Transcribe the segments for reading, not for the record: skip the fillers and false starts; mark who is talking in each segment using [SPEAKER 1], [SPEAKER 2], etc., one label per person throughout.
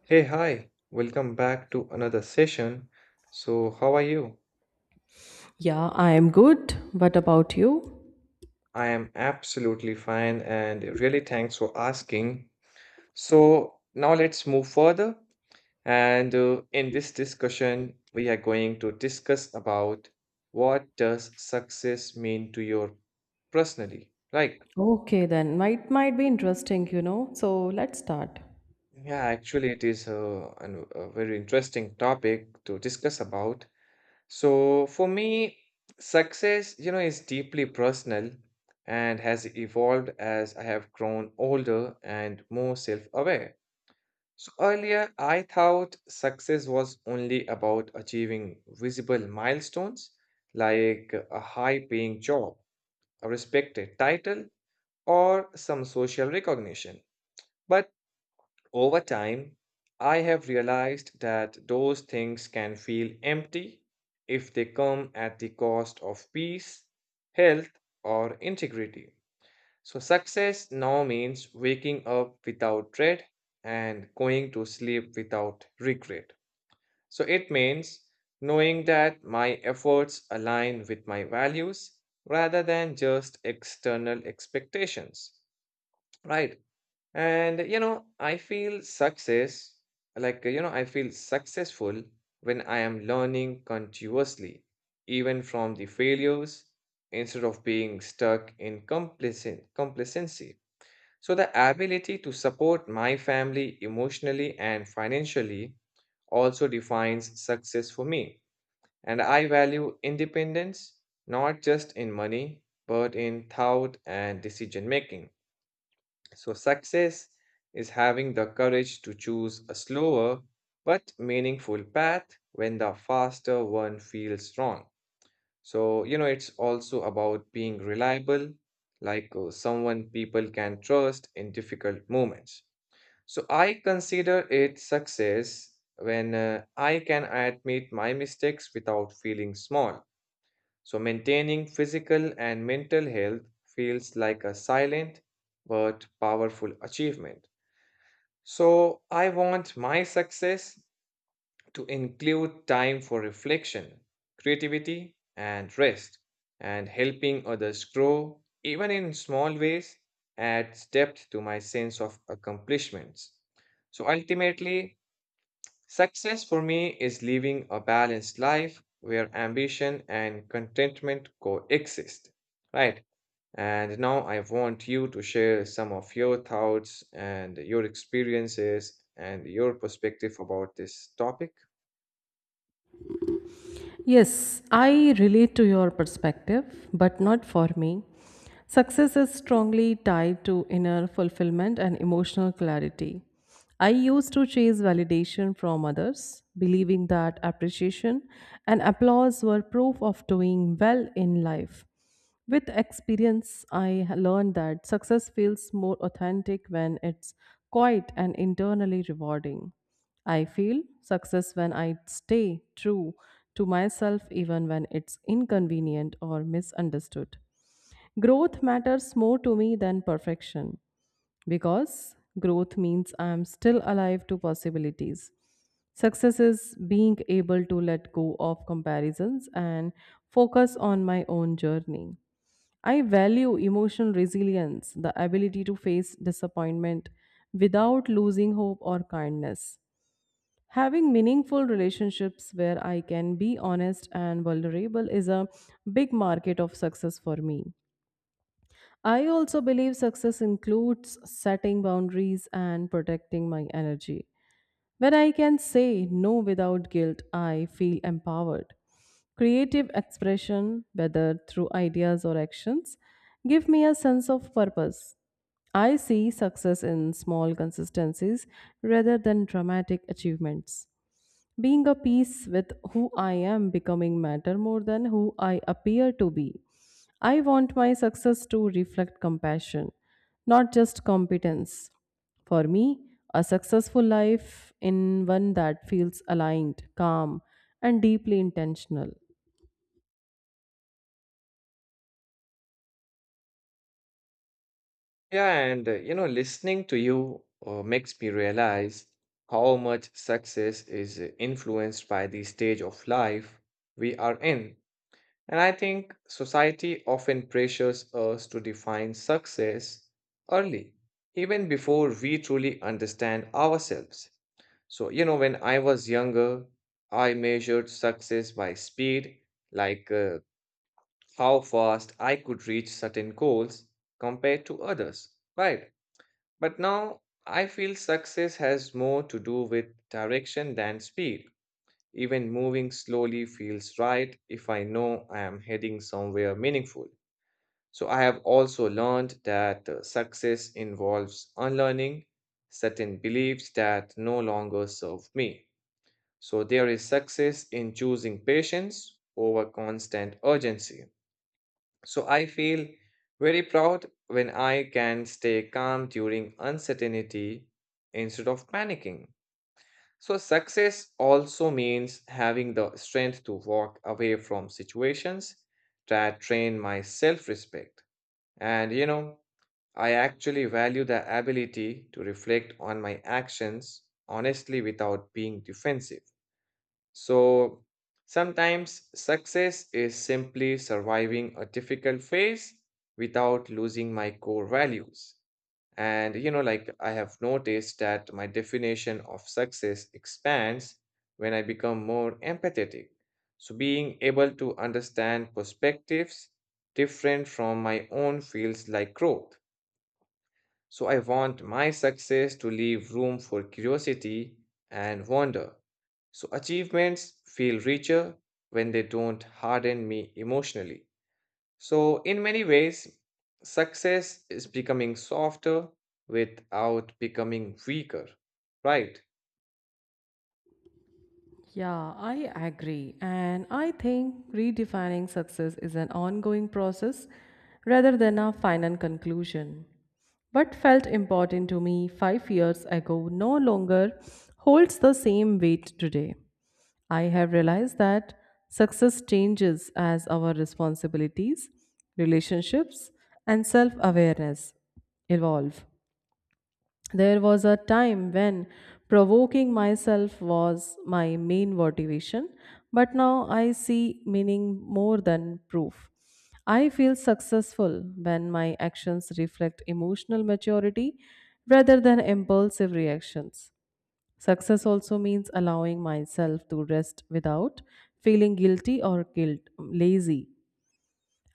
[SPEAKER 1] Hey, hi, welcome back to another session. So, how are you?
[SPEAKER 2] Yeah, I am good. What about you?
[SPEAKER 1] I am absolutely fine and really thanks for asking. So, now let's move further. And in this discussion, we are going to discuss about what does success mean to you personally? Like,
[SPEAKER 2] Okay, then might be interesting, you know. So let's start.
[SPEAKER 1] yeah, actually, it is a very interesting topic to discuss about. So for me, success, is deeply personal and has evolved as I have grown older and more self-aware. So earlier, I thought success was only about achieving visible milestones like a high-paying job, a respected title, or some social recognition. But over time, I have realized that those things can feel empty if they come at the cost of peace, health, or integrity. So, success now means waking up without dread and going to sleep without regret. So, it means knowing that my efforts align with my values rather than just external expectations, right? And you know, I feel success, like you know, I feel successful when I am learning continuously, even from the failures, instead of being stuck in complacent complacency. So the ability to support my family emotionally and financially also defines success for me. And I value independence, not just in money, but in thought and decision making. So, success is having the courage to choose a slower but meaningful path when the faster one feels wrong. So, it's also about being reliable, someone people can trust in difficult moments. So, I consider it success when I can admit my mistakes without feeling small. So, maintaining physical and mental health feels like a silent but powerful achievement. So, I want my success to include time for reflection, creativity, and rest, and helping others grow, even in small ways, adds depth to my sense of accomplishments. So, ultimately, success for me is living a balanced life where ambition and contentment coexist, right? And now I want you to share some of your thoughts and your experiences and your perspective about this topic.
[SPEAKER 2] Yes, I relate to your perspective, but not for me. Success is strongly tied to inner fulfillment and emotional clarity. I used to chase validation from others, believing that appreciation and applause were proof of doing well in life. With experience, I learned that success feels more authentic when it's quiet and internally rewarding. I feel success when I stay true to myself, even when it's inconvenient or misunderstood. Growth matters more to me than perfection because growth means I am still alive to possibilities. Success is being able to let go of comparisons and focus on my own journey. I value emotional resilience, the ability to face disappointment without losing hope or kindness. Having meaningful relationships where I can be honest and vulnerable is a big market of success for me. I also believe success includes setting boundaries and protecting my energy. When I can say no without guilt, I feel empowered. Creative expression, whether through ideas or actions, give me a sense of purpose. I see success in small consistencies rather than dramatic achievements being a peace with who I am becoming matter more than who I appear to be. I want my success to reflect compassion, not just competence. For me, a successful life in one that feels aligned, calm, and deeply intentional.
[SPEAKER 1] Listening to you makes me realize how much success is influenced by the stage of life we are in. And I think society often pressures us to define success early, even before we truly understand ourselves. So, when I was younger, I measured success by speed, like uh, how fast I could reach certain goals compared to others, right? But now I feel success has more to do with direction than speed. Even moving slowly feels right if I know I am heading somewhere meaningful. So, I have also learned that success involves unlearning certain beliefs that no longer serve me. So there is success in choosing patience over constant urgency. So I feel very proud when I can stay calm during uncertainty instead of panicking. So success also means having the strength to walk away from situations that train my self-respect. And you know, I actually value the ability to reflect on my actions honestly without being defensive. So sometimes success is simply surviving a difficult phase without losing my core values. And I have noticed that my definition of success expands when I become more empathetic. So, being able to understand perspectives different from my own feels like growth. So I want my success to leave room for curiosity and wonder. So achievements feel richer when they don't harden me emotionally. So, in many ways, success is becoming softer without becoming weaker, right?
[SPEAKER 2] Yeah, I agree. And I think redefining success is an ongoing process rather than a final conclusion. What felt important to me 5 years ago no longer holds the same weight today. I have realized that success changes as our responsibilities, relationships, and self awareness evolve. There was a time when provoking myself was my main motivation, but now I see meaning more than proof. I feel successful when my actions reflect emotional maturity rather than impulsive reactions. Success also means allowing myself to rest without feeling guilty or guilt, lazy.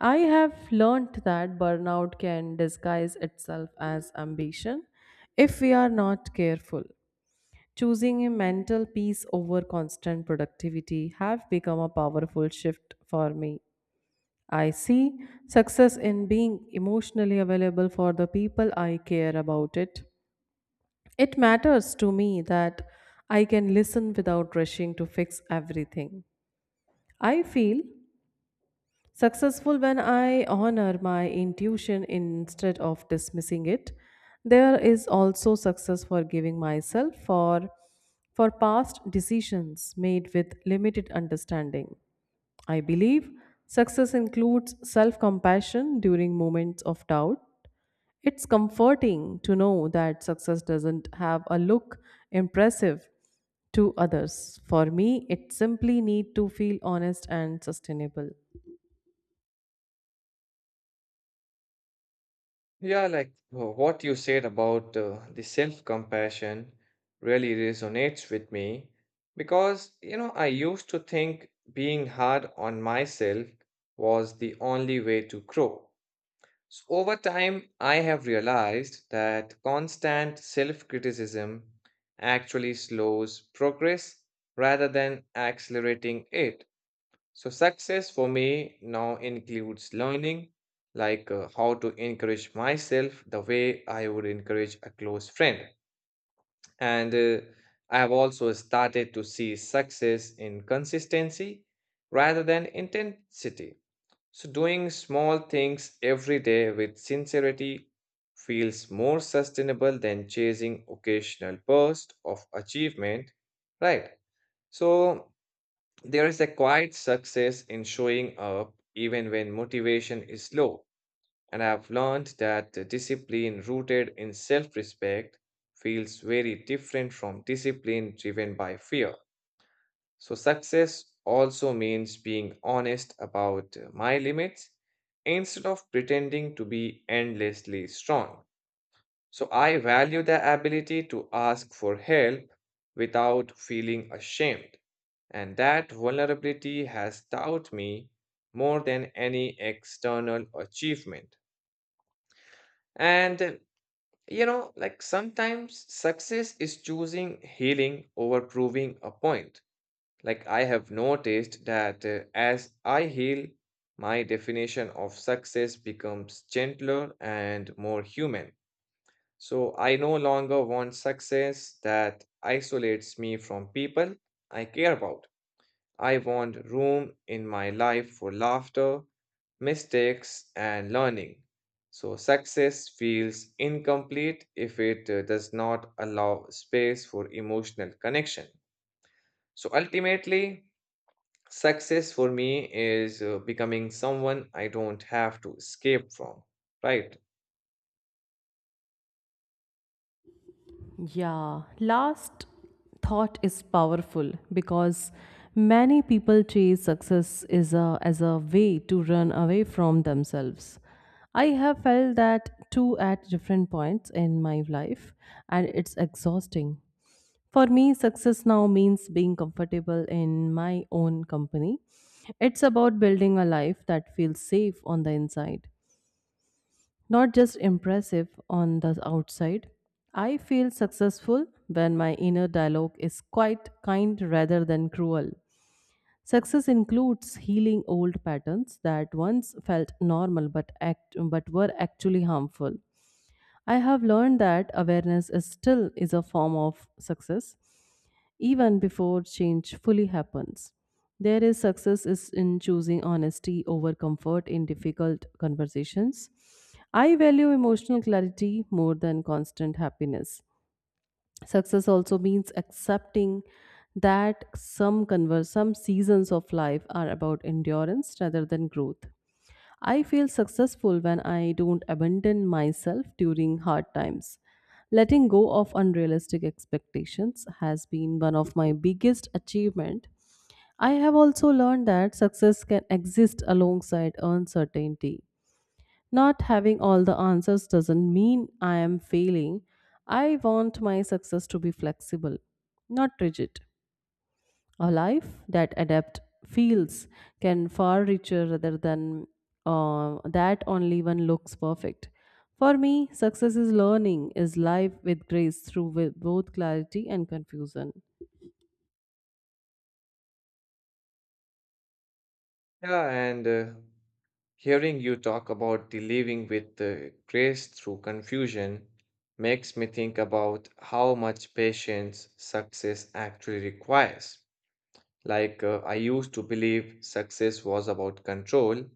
[SPEAKER 2] I have learned that burnout can disguise itself as ambition if we are not careful. Choosing a mental peace over constant productivity have become a powerful shift for me. I see success in being emotionally available for the people I care about it. It matters to me that I can listen without rushing to fix everything. I feel successful when I honor my intuition instead of dismissing it. There is also success for giving myself for past decisions made with limited understanding. I believe success includes self-compassion during moments of doubt. It's comforting to know that success doesn't have a look impressive to others. For me, it simply need to feel honest and sustainable.
[SPEAKER 1] Yeah, what you said about the self-compassion really resonates with me because, I used to think being hard on myself was the only way to grow. So over time, I have realized that constant self-criticism actually slows progress rather than accelerating it. So, success for me now includes learning, how to encourage myself the way I would encourage a close friend. And I have also started to see success in consistency rather than intensity. So, doing small things every day with sincerity feels more sustainable than chasing occasional bursts of achievement, right? So, there is a quiet success in showing up even when motivation is low, and I've learned that the discipline rooted in self respect feels very different from discipline driven by fear. So, success also means being honest about my limits instead of pretending to be endlessly strong. So I value the ability to ask for help without feeling ashamed. And that vulnerability has taught me more than any external achievement. And sometimes success is choosing healing over proving a point. Like I have noticed that as I heal, my definition of success becomes gentler and more human. So I no longer want success that isolates me from people I care about. I want room in my life for laughter, mistakes, and learning. So success feels incomplete if it does not allow space for emotional connection. So ultimately, success for me is becoming someone I don't have to escape from, right?
[SPEAKER 2] Yeah, last thought is powerful because many people chase success is a, as a way to run away from themselves. I have felt that too at different points in my life, and it's exhausting. For me, success now means being comfortable in my own company. It's about building a life that feels safe on the inside. Not just impressive on the outside. I feel successful when my inner dialogue is quite kind rather than cruel. Success includes healing old patterns that once felt normal but act but were actually harmful. I have learned that awareness is still is a form of success even before change fully happens. There is success is in choosing honesty over comfort in difficult conversations. I value emotional clarity more than constant happiness. Success also means accepting that some converse, some seasons of life are about endurance rather than growth. I feel successful when I don't abandon myself during hard times. Letting go of unrealistic expectations has been one of my biggest achievement. I have also learned that success can exist alongside uncertainty. Not having all the answers doesn't mean I am failing. I want my success to be flexible, not rigid. A life that adapt feels can far richer rather than that only one looks perfect. For me, success is learning, is life with grace through with both clarity and confusion.
[SPEAKER 1] Yeah, and Hearing you talk about the living with grace through confusion makes me think about how much patience success actually requires. I used to believe success was about control,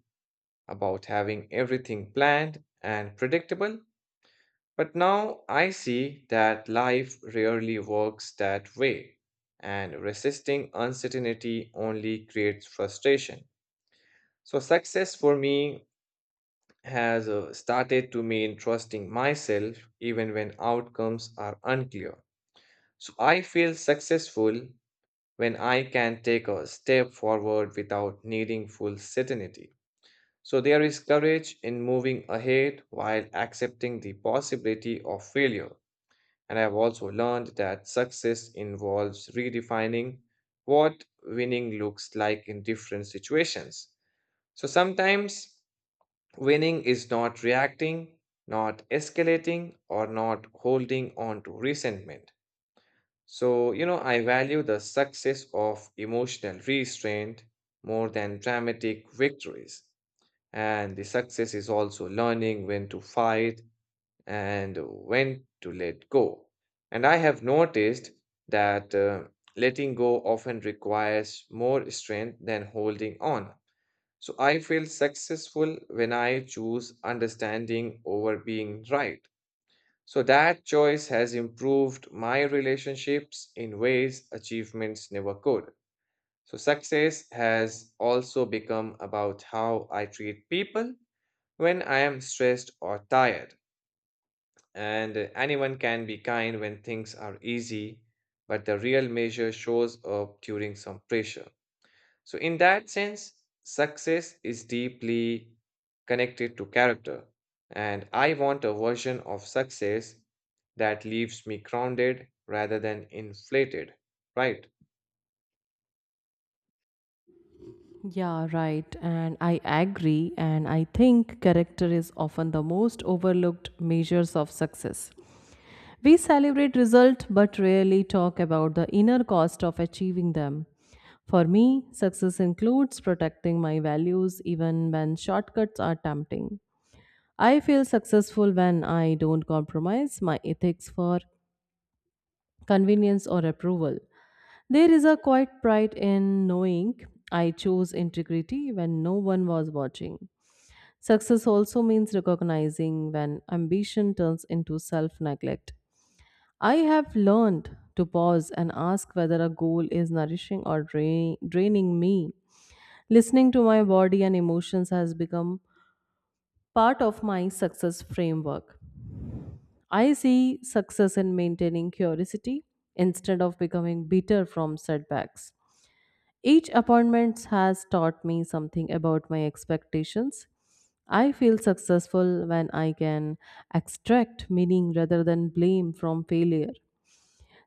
[SPEAKER 1] about having everything planned and predictable, but now I see that life rarely works that way, and resisting uncertainty only creates frustration. So, success for me has started to mean trusting myself even when outcomes are unclear. So I feel successful when I can take a step forward without needing full certainty. So there is courage in moving ahead while accepting the possibility of failure. And I've also learned that success involves redefining what winning looks like in different situations. So sometimes winning is not reacting, not escalating, or not holding on to resentment. So, I value the success of emotional restraint more than dramatic victories. And the success is also learning when to fight and when to let go. And I have noticed that letting go often requires more strength than holding on. So I feel successful when I choose understanding over being right. So that choice has improved my relationships in ways achievements never could. So success has also become about how I treat people when I am stressed or tired. And Anyone can be kind when things are easy, but the real measure shows up during some pressure. So, in that sense, success is deeply connected to character. And I want a version of success that leaves me grounded rather than inflated, right?
[SPEAKER 2] Yeah, right. And I agree. And I think character is often the most overlooked measures of success. We celebrate results but rarely talk about the inner cost of achieving them. For me, success includes protecting my values even when shortcuts are tempting. I feel successful when I don't compromise my ethics for convenience or approval. There is a quiet pride in knowing I chose integrity when no one was watching. Success also means recognizing when ambition turns into self neglect. I have learned to pause and ask whether a goal is nourishing or draining me. Listening to my body and emotions has become part of my success framework. I see success in maintaining curiosity instead of becoming bitter from setbacks. Each appointment has taught me something about my expectations. I feel successful when I can extract meaning rather than blame from failure.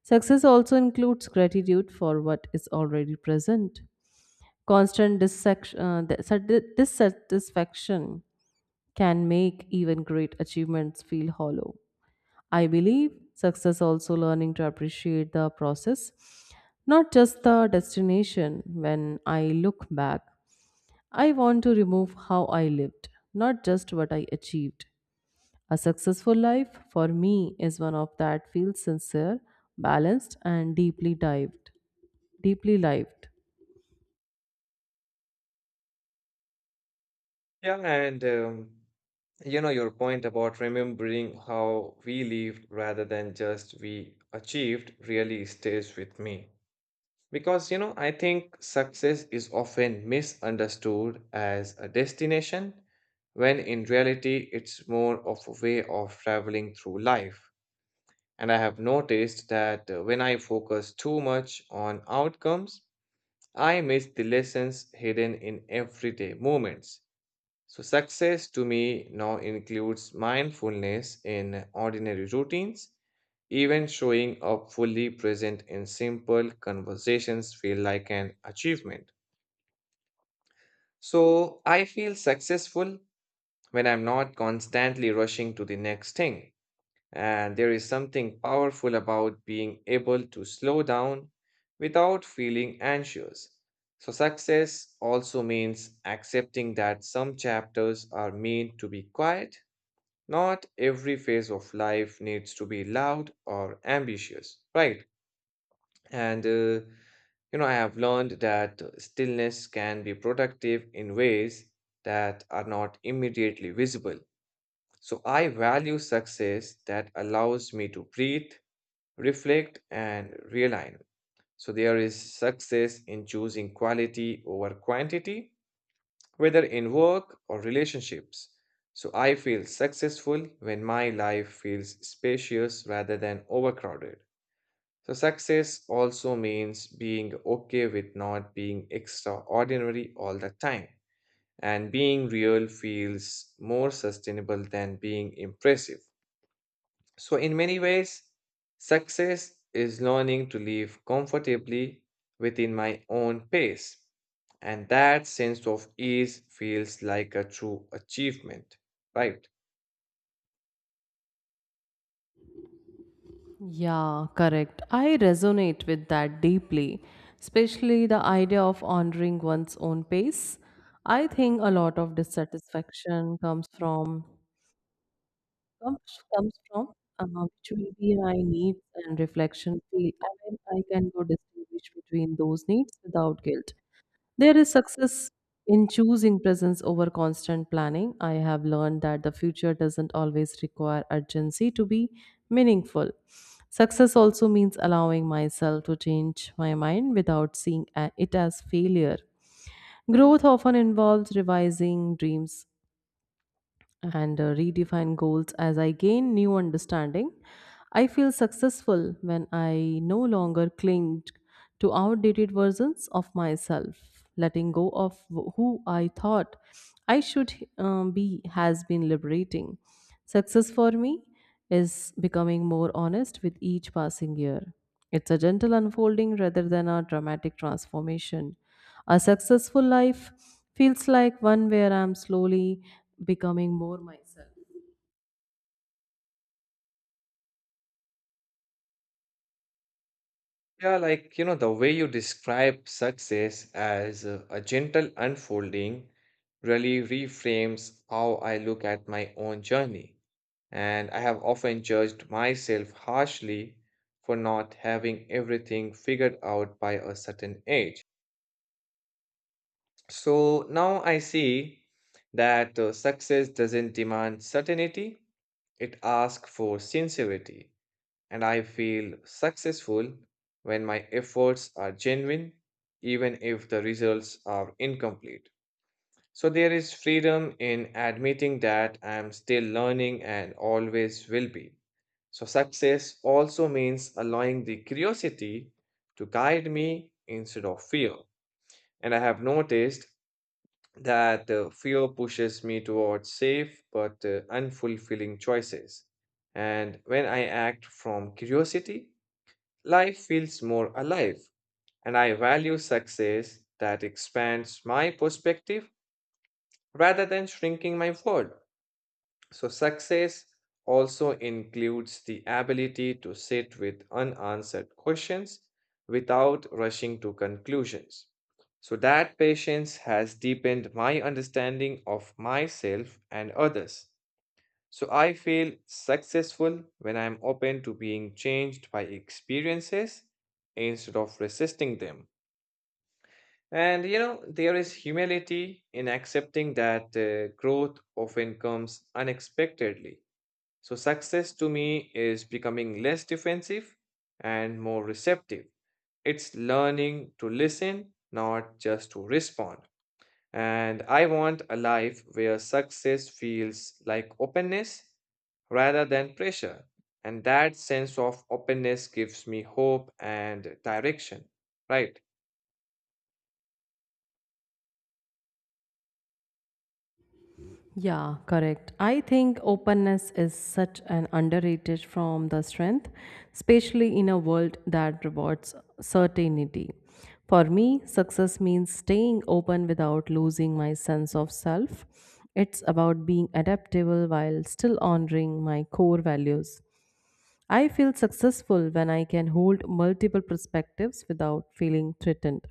[SPEAKER 2] Success also includes gratitude for what is already present. Constant dissatisfaction can make even great achievements feel hollow. I believe success also learning to appreciate the process, not just the destination. When I look back, I want to remove how I lived, not just what I achieved. A successful life for me is one of that feels sincere, balanced, and deeply lived.
[SPEAKER 1] Yeah, and um, your point about remembering how we lived rather than just we achieved really stays with me. Because, I think success is often misunderstood as a destination, when in reality, it's more of a way of traveling through life. And I have noticed that when I focus too much on outcomes, I miss the lessons hidden in everyday moments. So, success to me now includes mindfulness in ordinary routines. Even showing up fully present in simple conversations feel like an achievement. So, I feel successful when I'm not constantly rushing to the next thing. And there is something powerful about being able to slow down without feeling anxious. So, success also means accepting that some chapters are meant to be quiet. Not every phase of life needs to be loud or ambitious, right? And uh, I have learned that stillness can be productive in ways that are not immediately visible. So I value success that allows me to breathe, reflect, and realign. So there is success in choosing quality over quantity, whether in work or relationships. So I feel successful when my life feels spacious rather than overcrowded. So success also means being okay with not being extraordinary all the time. And being real feels more sustainable than being impressive. So, in many ways, success is learning to live comfortably within my own pace. And that sense of ease feels like a true achievement, right?
[SPEAKER 2] Yeah, correct. I resonate with that deeply, especially the idea of honoring one's own pace. I think a lot of dissatisfaction comes from comes, comes from which will be my needs and reflection. I can go distinguish between those needs without guilt. There is success in choosing presence over constant planning. I have learned that the future doesn't always require urgency to be meaningful. Success also means allowing myself to change my mind without it as failure. Growth often involves revising dreams and redefine goals as I gain new understanding. I feel successful when I no longer cling to outdated versions of myself. Letting go of who I thought I should be has been liberating. Success for me is becoming more honest with each passing year. It's a gentle unfolding rather than a dramatic transformation. A successful life feels like one where I'm slowly becoming more myself.
[SPEAKER 1] Yeah, like, the way you describe success as a gentle unfolding really reframes how I look at my own journey. And I have often judged myself harshly for not having everything figured out by a certain age. So now I see that success doesn't demand certainty, it asks for sincerity. And I feel successful when my efforts are genuine, even if the results are incomplete. So there is freedom in admitting that I am still learning and always will be. So success also means allowing the curiosity to guide me instead of fear. And I have noticed that fear pushes me towards safe but unfulfilling choices. And when I act from curiosity, life feels more alive, and I value success that expands my perspective rather than shrinking my world. So, success also includes the ability to sit with unanswered questions without rushing to conclusions. So, that patience has deepened my understanding of myself and others. So, I feel successful when I'm open to being changed by experiences instead of resisting them. And you know, there is humility in accepting that growth often comes unexpectedly so, success to me is becoming less defensive and more receptive. It's learning to listen, not just to respond. And I want a life where success feels like openness rather than pressure. And that sense of openness gives me hope and direction, right?
[SPEAKER 2] Yeah, correct. I think openness is such an underrated from the strength, especially in a world that rewards certainty. For me, success means staying open without losing my sense of self. It's about being adaptable while still honoring my core values. I feel successful when I can hold multiple perspectives without feeling threatened.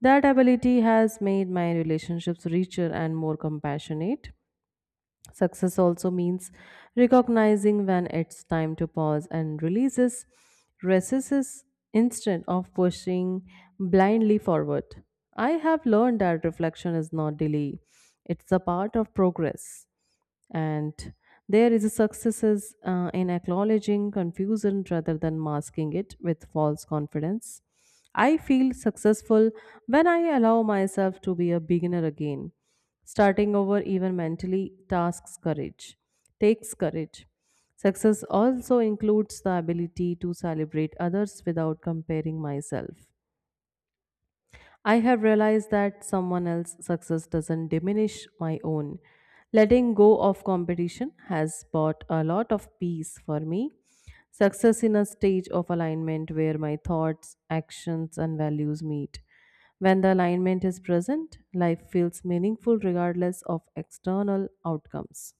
[SPEAKER 2] That ability has made my relationships richer and more compassionate. Success also means recognizing when it's time to pause and releases recesses instead of pushing blindly forward. I have learned that reflection is not delay, it's a part of progress and there is in acknowledging confusion rather than masking it with false confidence. I feel successful when I allow myself to be a beginner again, starting over even mentally tasks courage takes courage. Success also includes the ability to celebrate others without comparing myself. I have realized that someone else's success doesn't diminish my own. Letting go of competition has brought a lot of peace for me. Success in a stage of alignment where my thoughts, actions, and values meet. When the alignment is present, life feels meaningful regardless of external outcomes.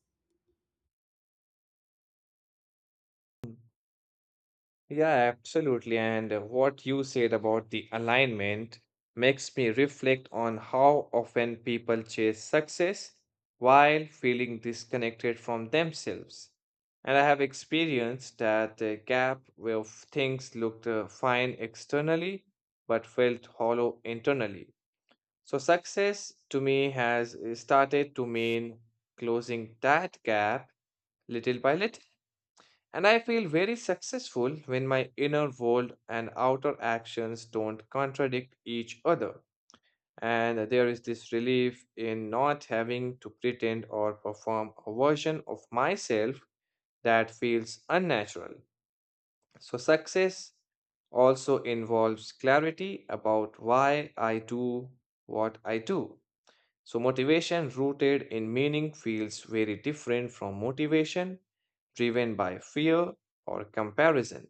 [SPEAKER 1] Yeah, absolutely. And what you said about the alignment makes me reflect on how often people chase success while feeling disconnected from themselves. And I have experienced that gap where things looked fine externally but felt hollow internally. So, success to me has started to mean closing that gap little by little. And I feel very successful when my inner world and outer actions don't contradict each other. And there is this relief in not having to pretend or perform a version of myself that feels unnatural. So, success also involves clarity about why I do what I do. So, motivation rooted in meaning feels very different from motivation driven by fear or comparison.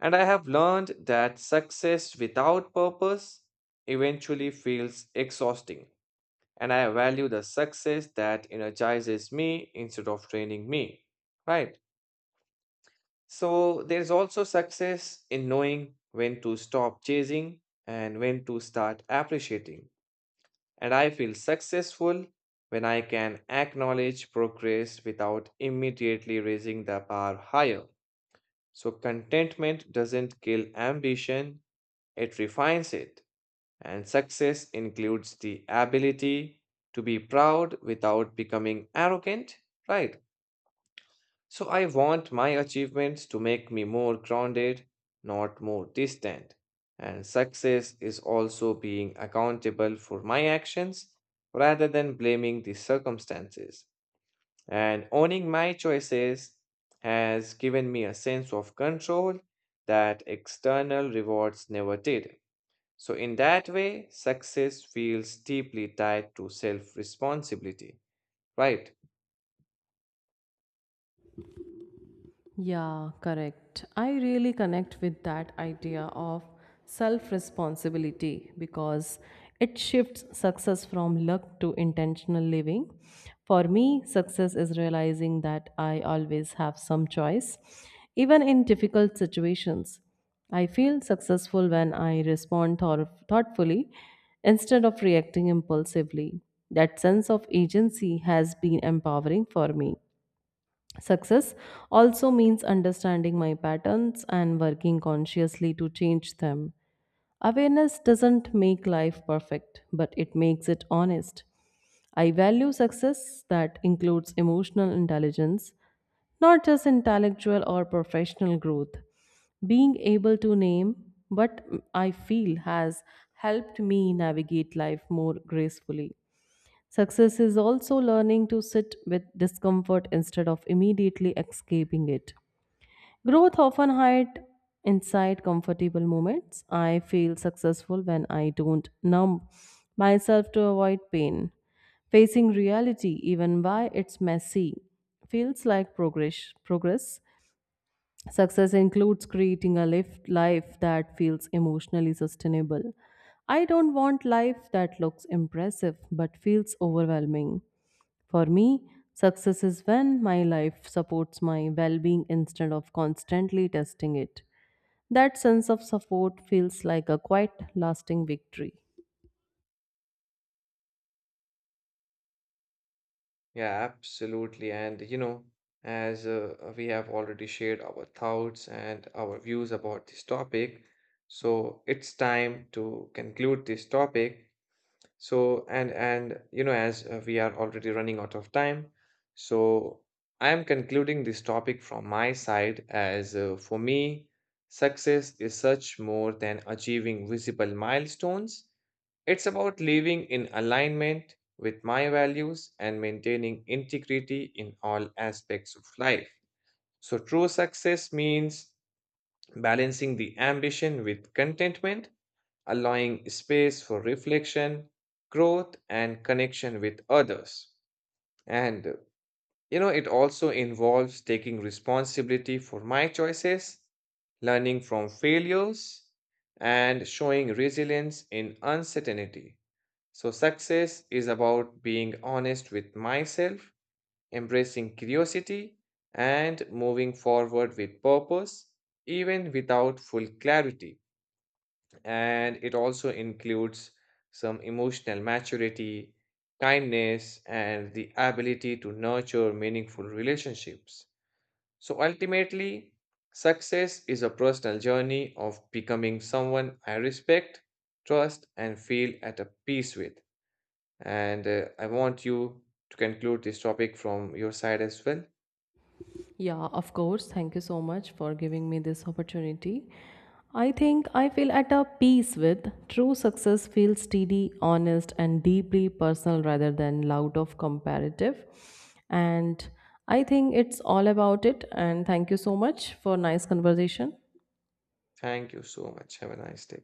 [SPEAKER 1] And I have learned that success without purpose eventually feels exhausting. And I value the success that energizes me instead of draining me. Right. So there's also success in knowing when to stop chasing and when to start appreciating. And I feel successful when I can acknowledge progress without immediately raising the bar higher. So contentment doesn't kill ambition, it refines it, and success includes the ability to be proud without becoming arrogant, right? So I want my achievements to make me more grounded, not more distant. And success is also being accountable for my actions rather than blaming the circumstances. And owning my choices has given me a sense of control that external rewards never did. So, in that way, success feels deeply tied to self responsibility, right?
[SPEAKER 2] Yeah, correct. I really connect with that idea of self responsibility because it shifts success from luck to intentional living. For me, success is realizing that I always have some choice, even in difficult situations. I feel successful when I respond thoughtfully instead of reacting impulsively. That sense of agency has been empowering for me. Success also means understanding my patterns and working consciously to change them. Awareness doesn't make life perfect, but it makes it honest. I value success that includes emotional intelligence, not just intellectual or professional growth. Being able to name what I feel has helped me navigate life more gracefully. Success is also learning to sit with discomfort instead of immediately escaping it. Growth often hides inside comfortable moments. I feel successful when I don't numb myself to avoid pain. Facing reality, even while it's messy, feels like Progress. Success includes creating a lift life that feels emotionally sustainable. I don't want life that looks impressive but feels overwhelming. For me, success is when my life supports my well being instead of constantly testing it. That sense of support feels like a quite lasting victory.
[SPEAKER 1] Yeah, absolutely. And, you know, as we have already shared our thoughts and our views about this topic, so it's time to conclude this topic. So, and you know, as we are already running out of time, so I am concluding this topic from my side as for me, success is such more than achieving visible milestones. It's about living in alignment with my values and maintaining integrity in all aspects of life. So, true success means balancing the ambition with contentment allowing space for reflection, growth, and connection with others. And, you know, it also involves taking responsibility for my choices, learning from failures, and showing resilience in uncertainty. So, success is about being honest with myself, embracing curiosity, and moving forward with purpose, even without full clarity and it also includes some emotional maturity, kindness, and the ability to nurture meaningful relationships. So ultimately, success is a personal journey of becoming someone I respect, trust, and feel at a peace with. And I want you to conclude this topic from your side as well.
[SPEAKER 2] Yeah, of course. Thank you so much for giving me this opportunity. I think I feel at a peace with true success feels steady, honest, and deeply personal rather than loud of comparative. And I think it's all about it. And thank you so much for nice conversation.
[SPEAKER 1] Thank you so much. Have a nice day. Bye.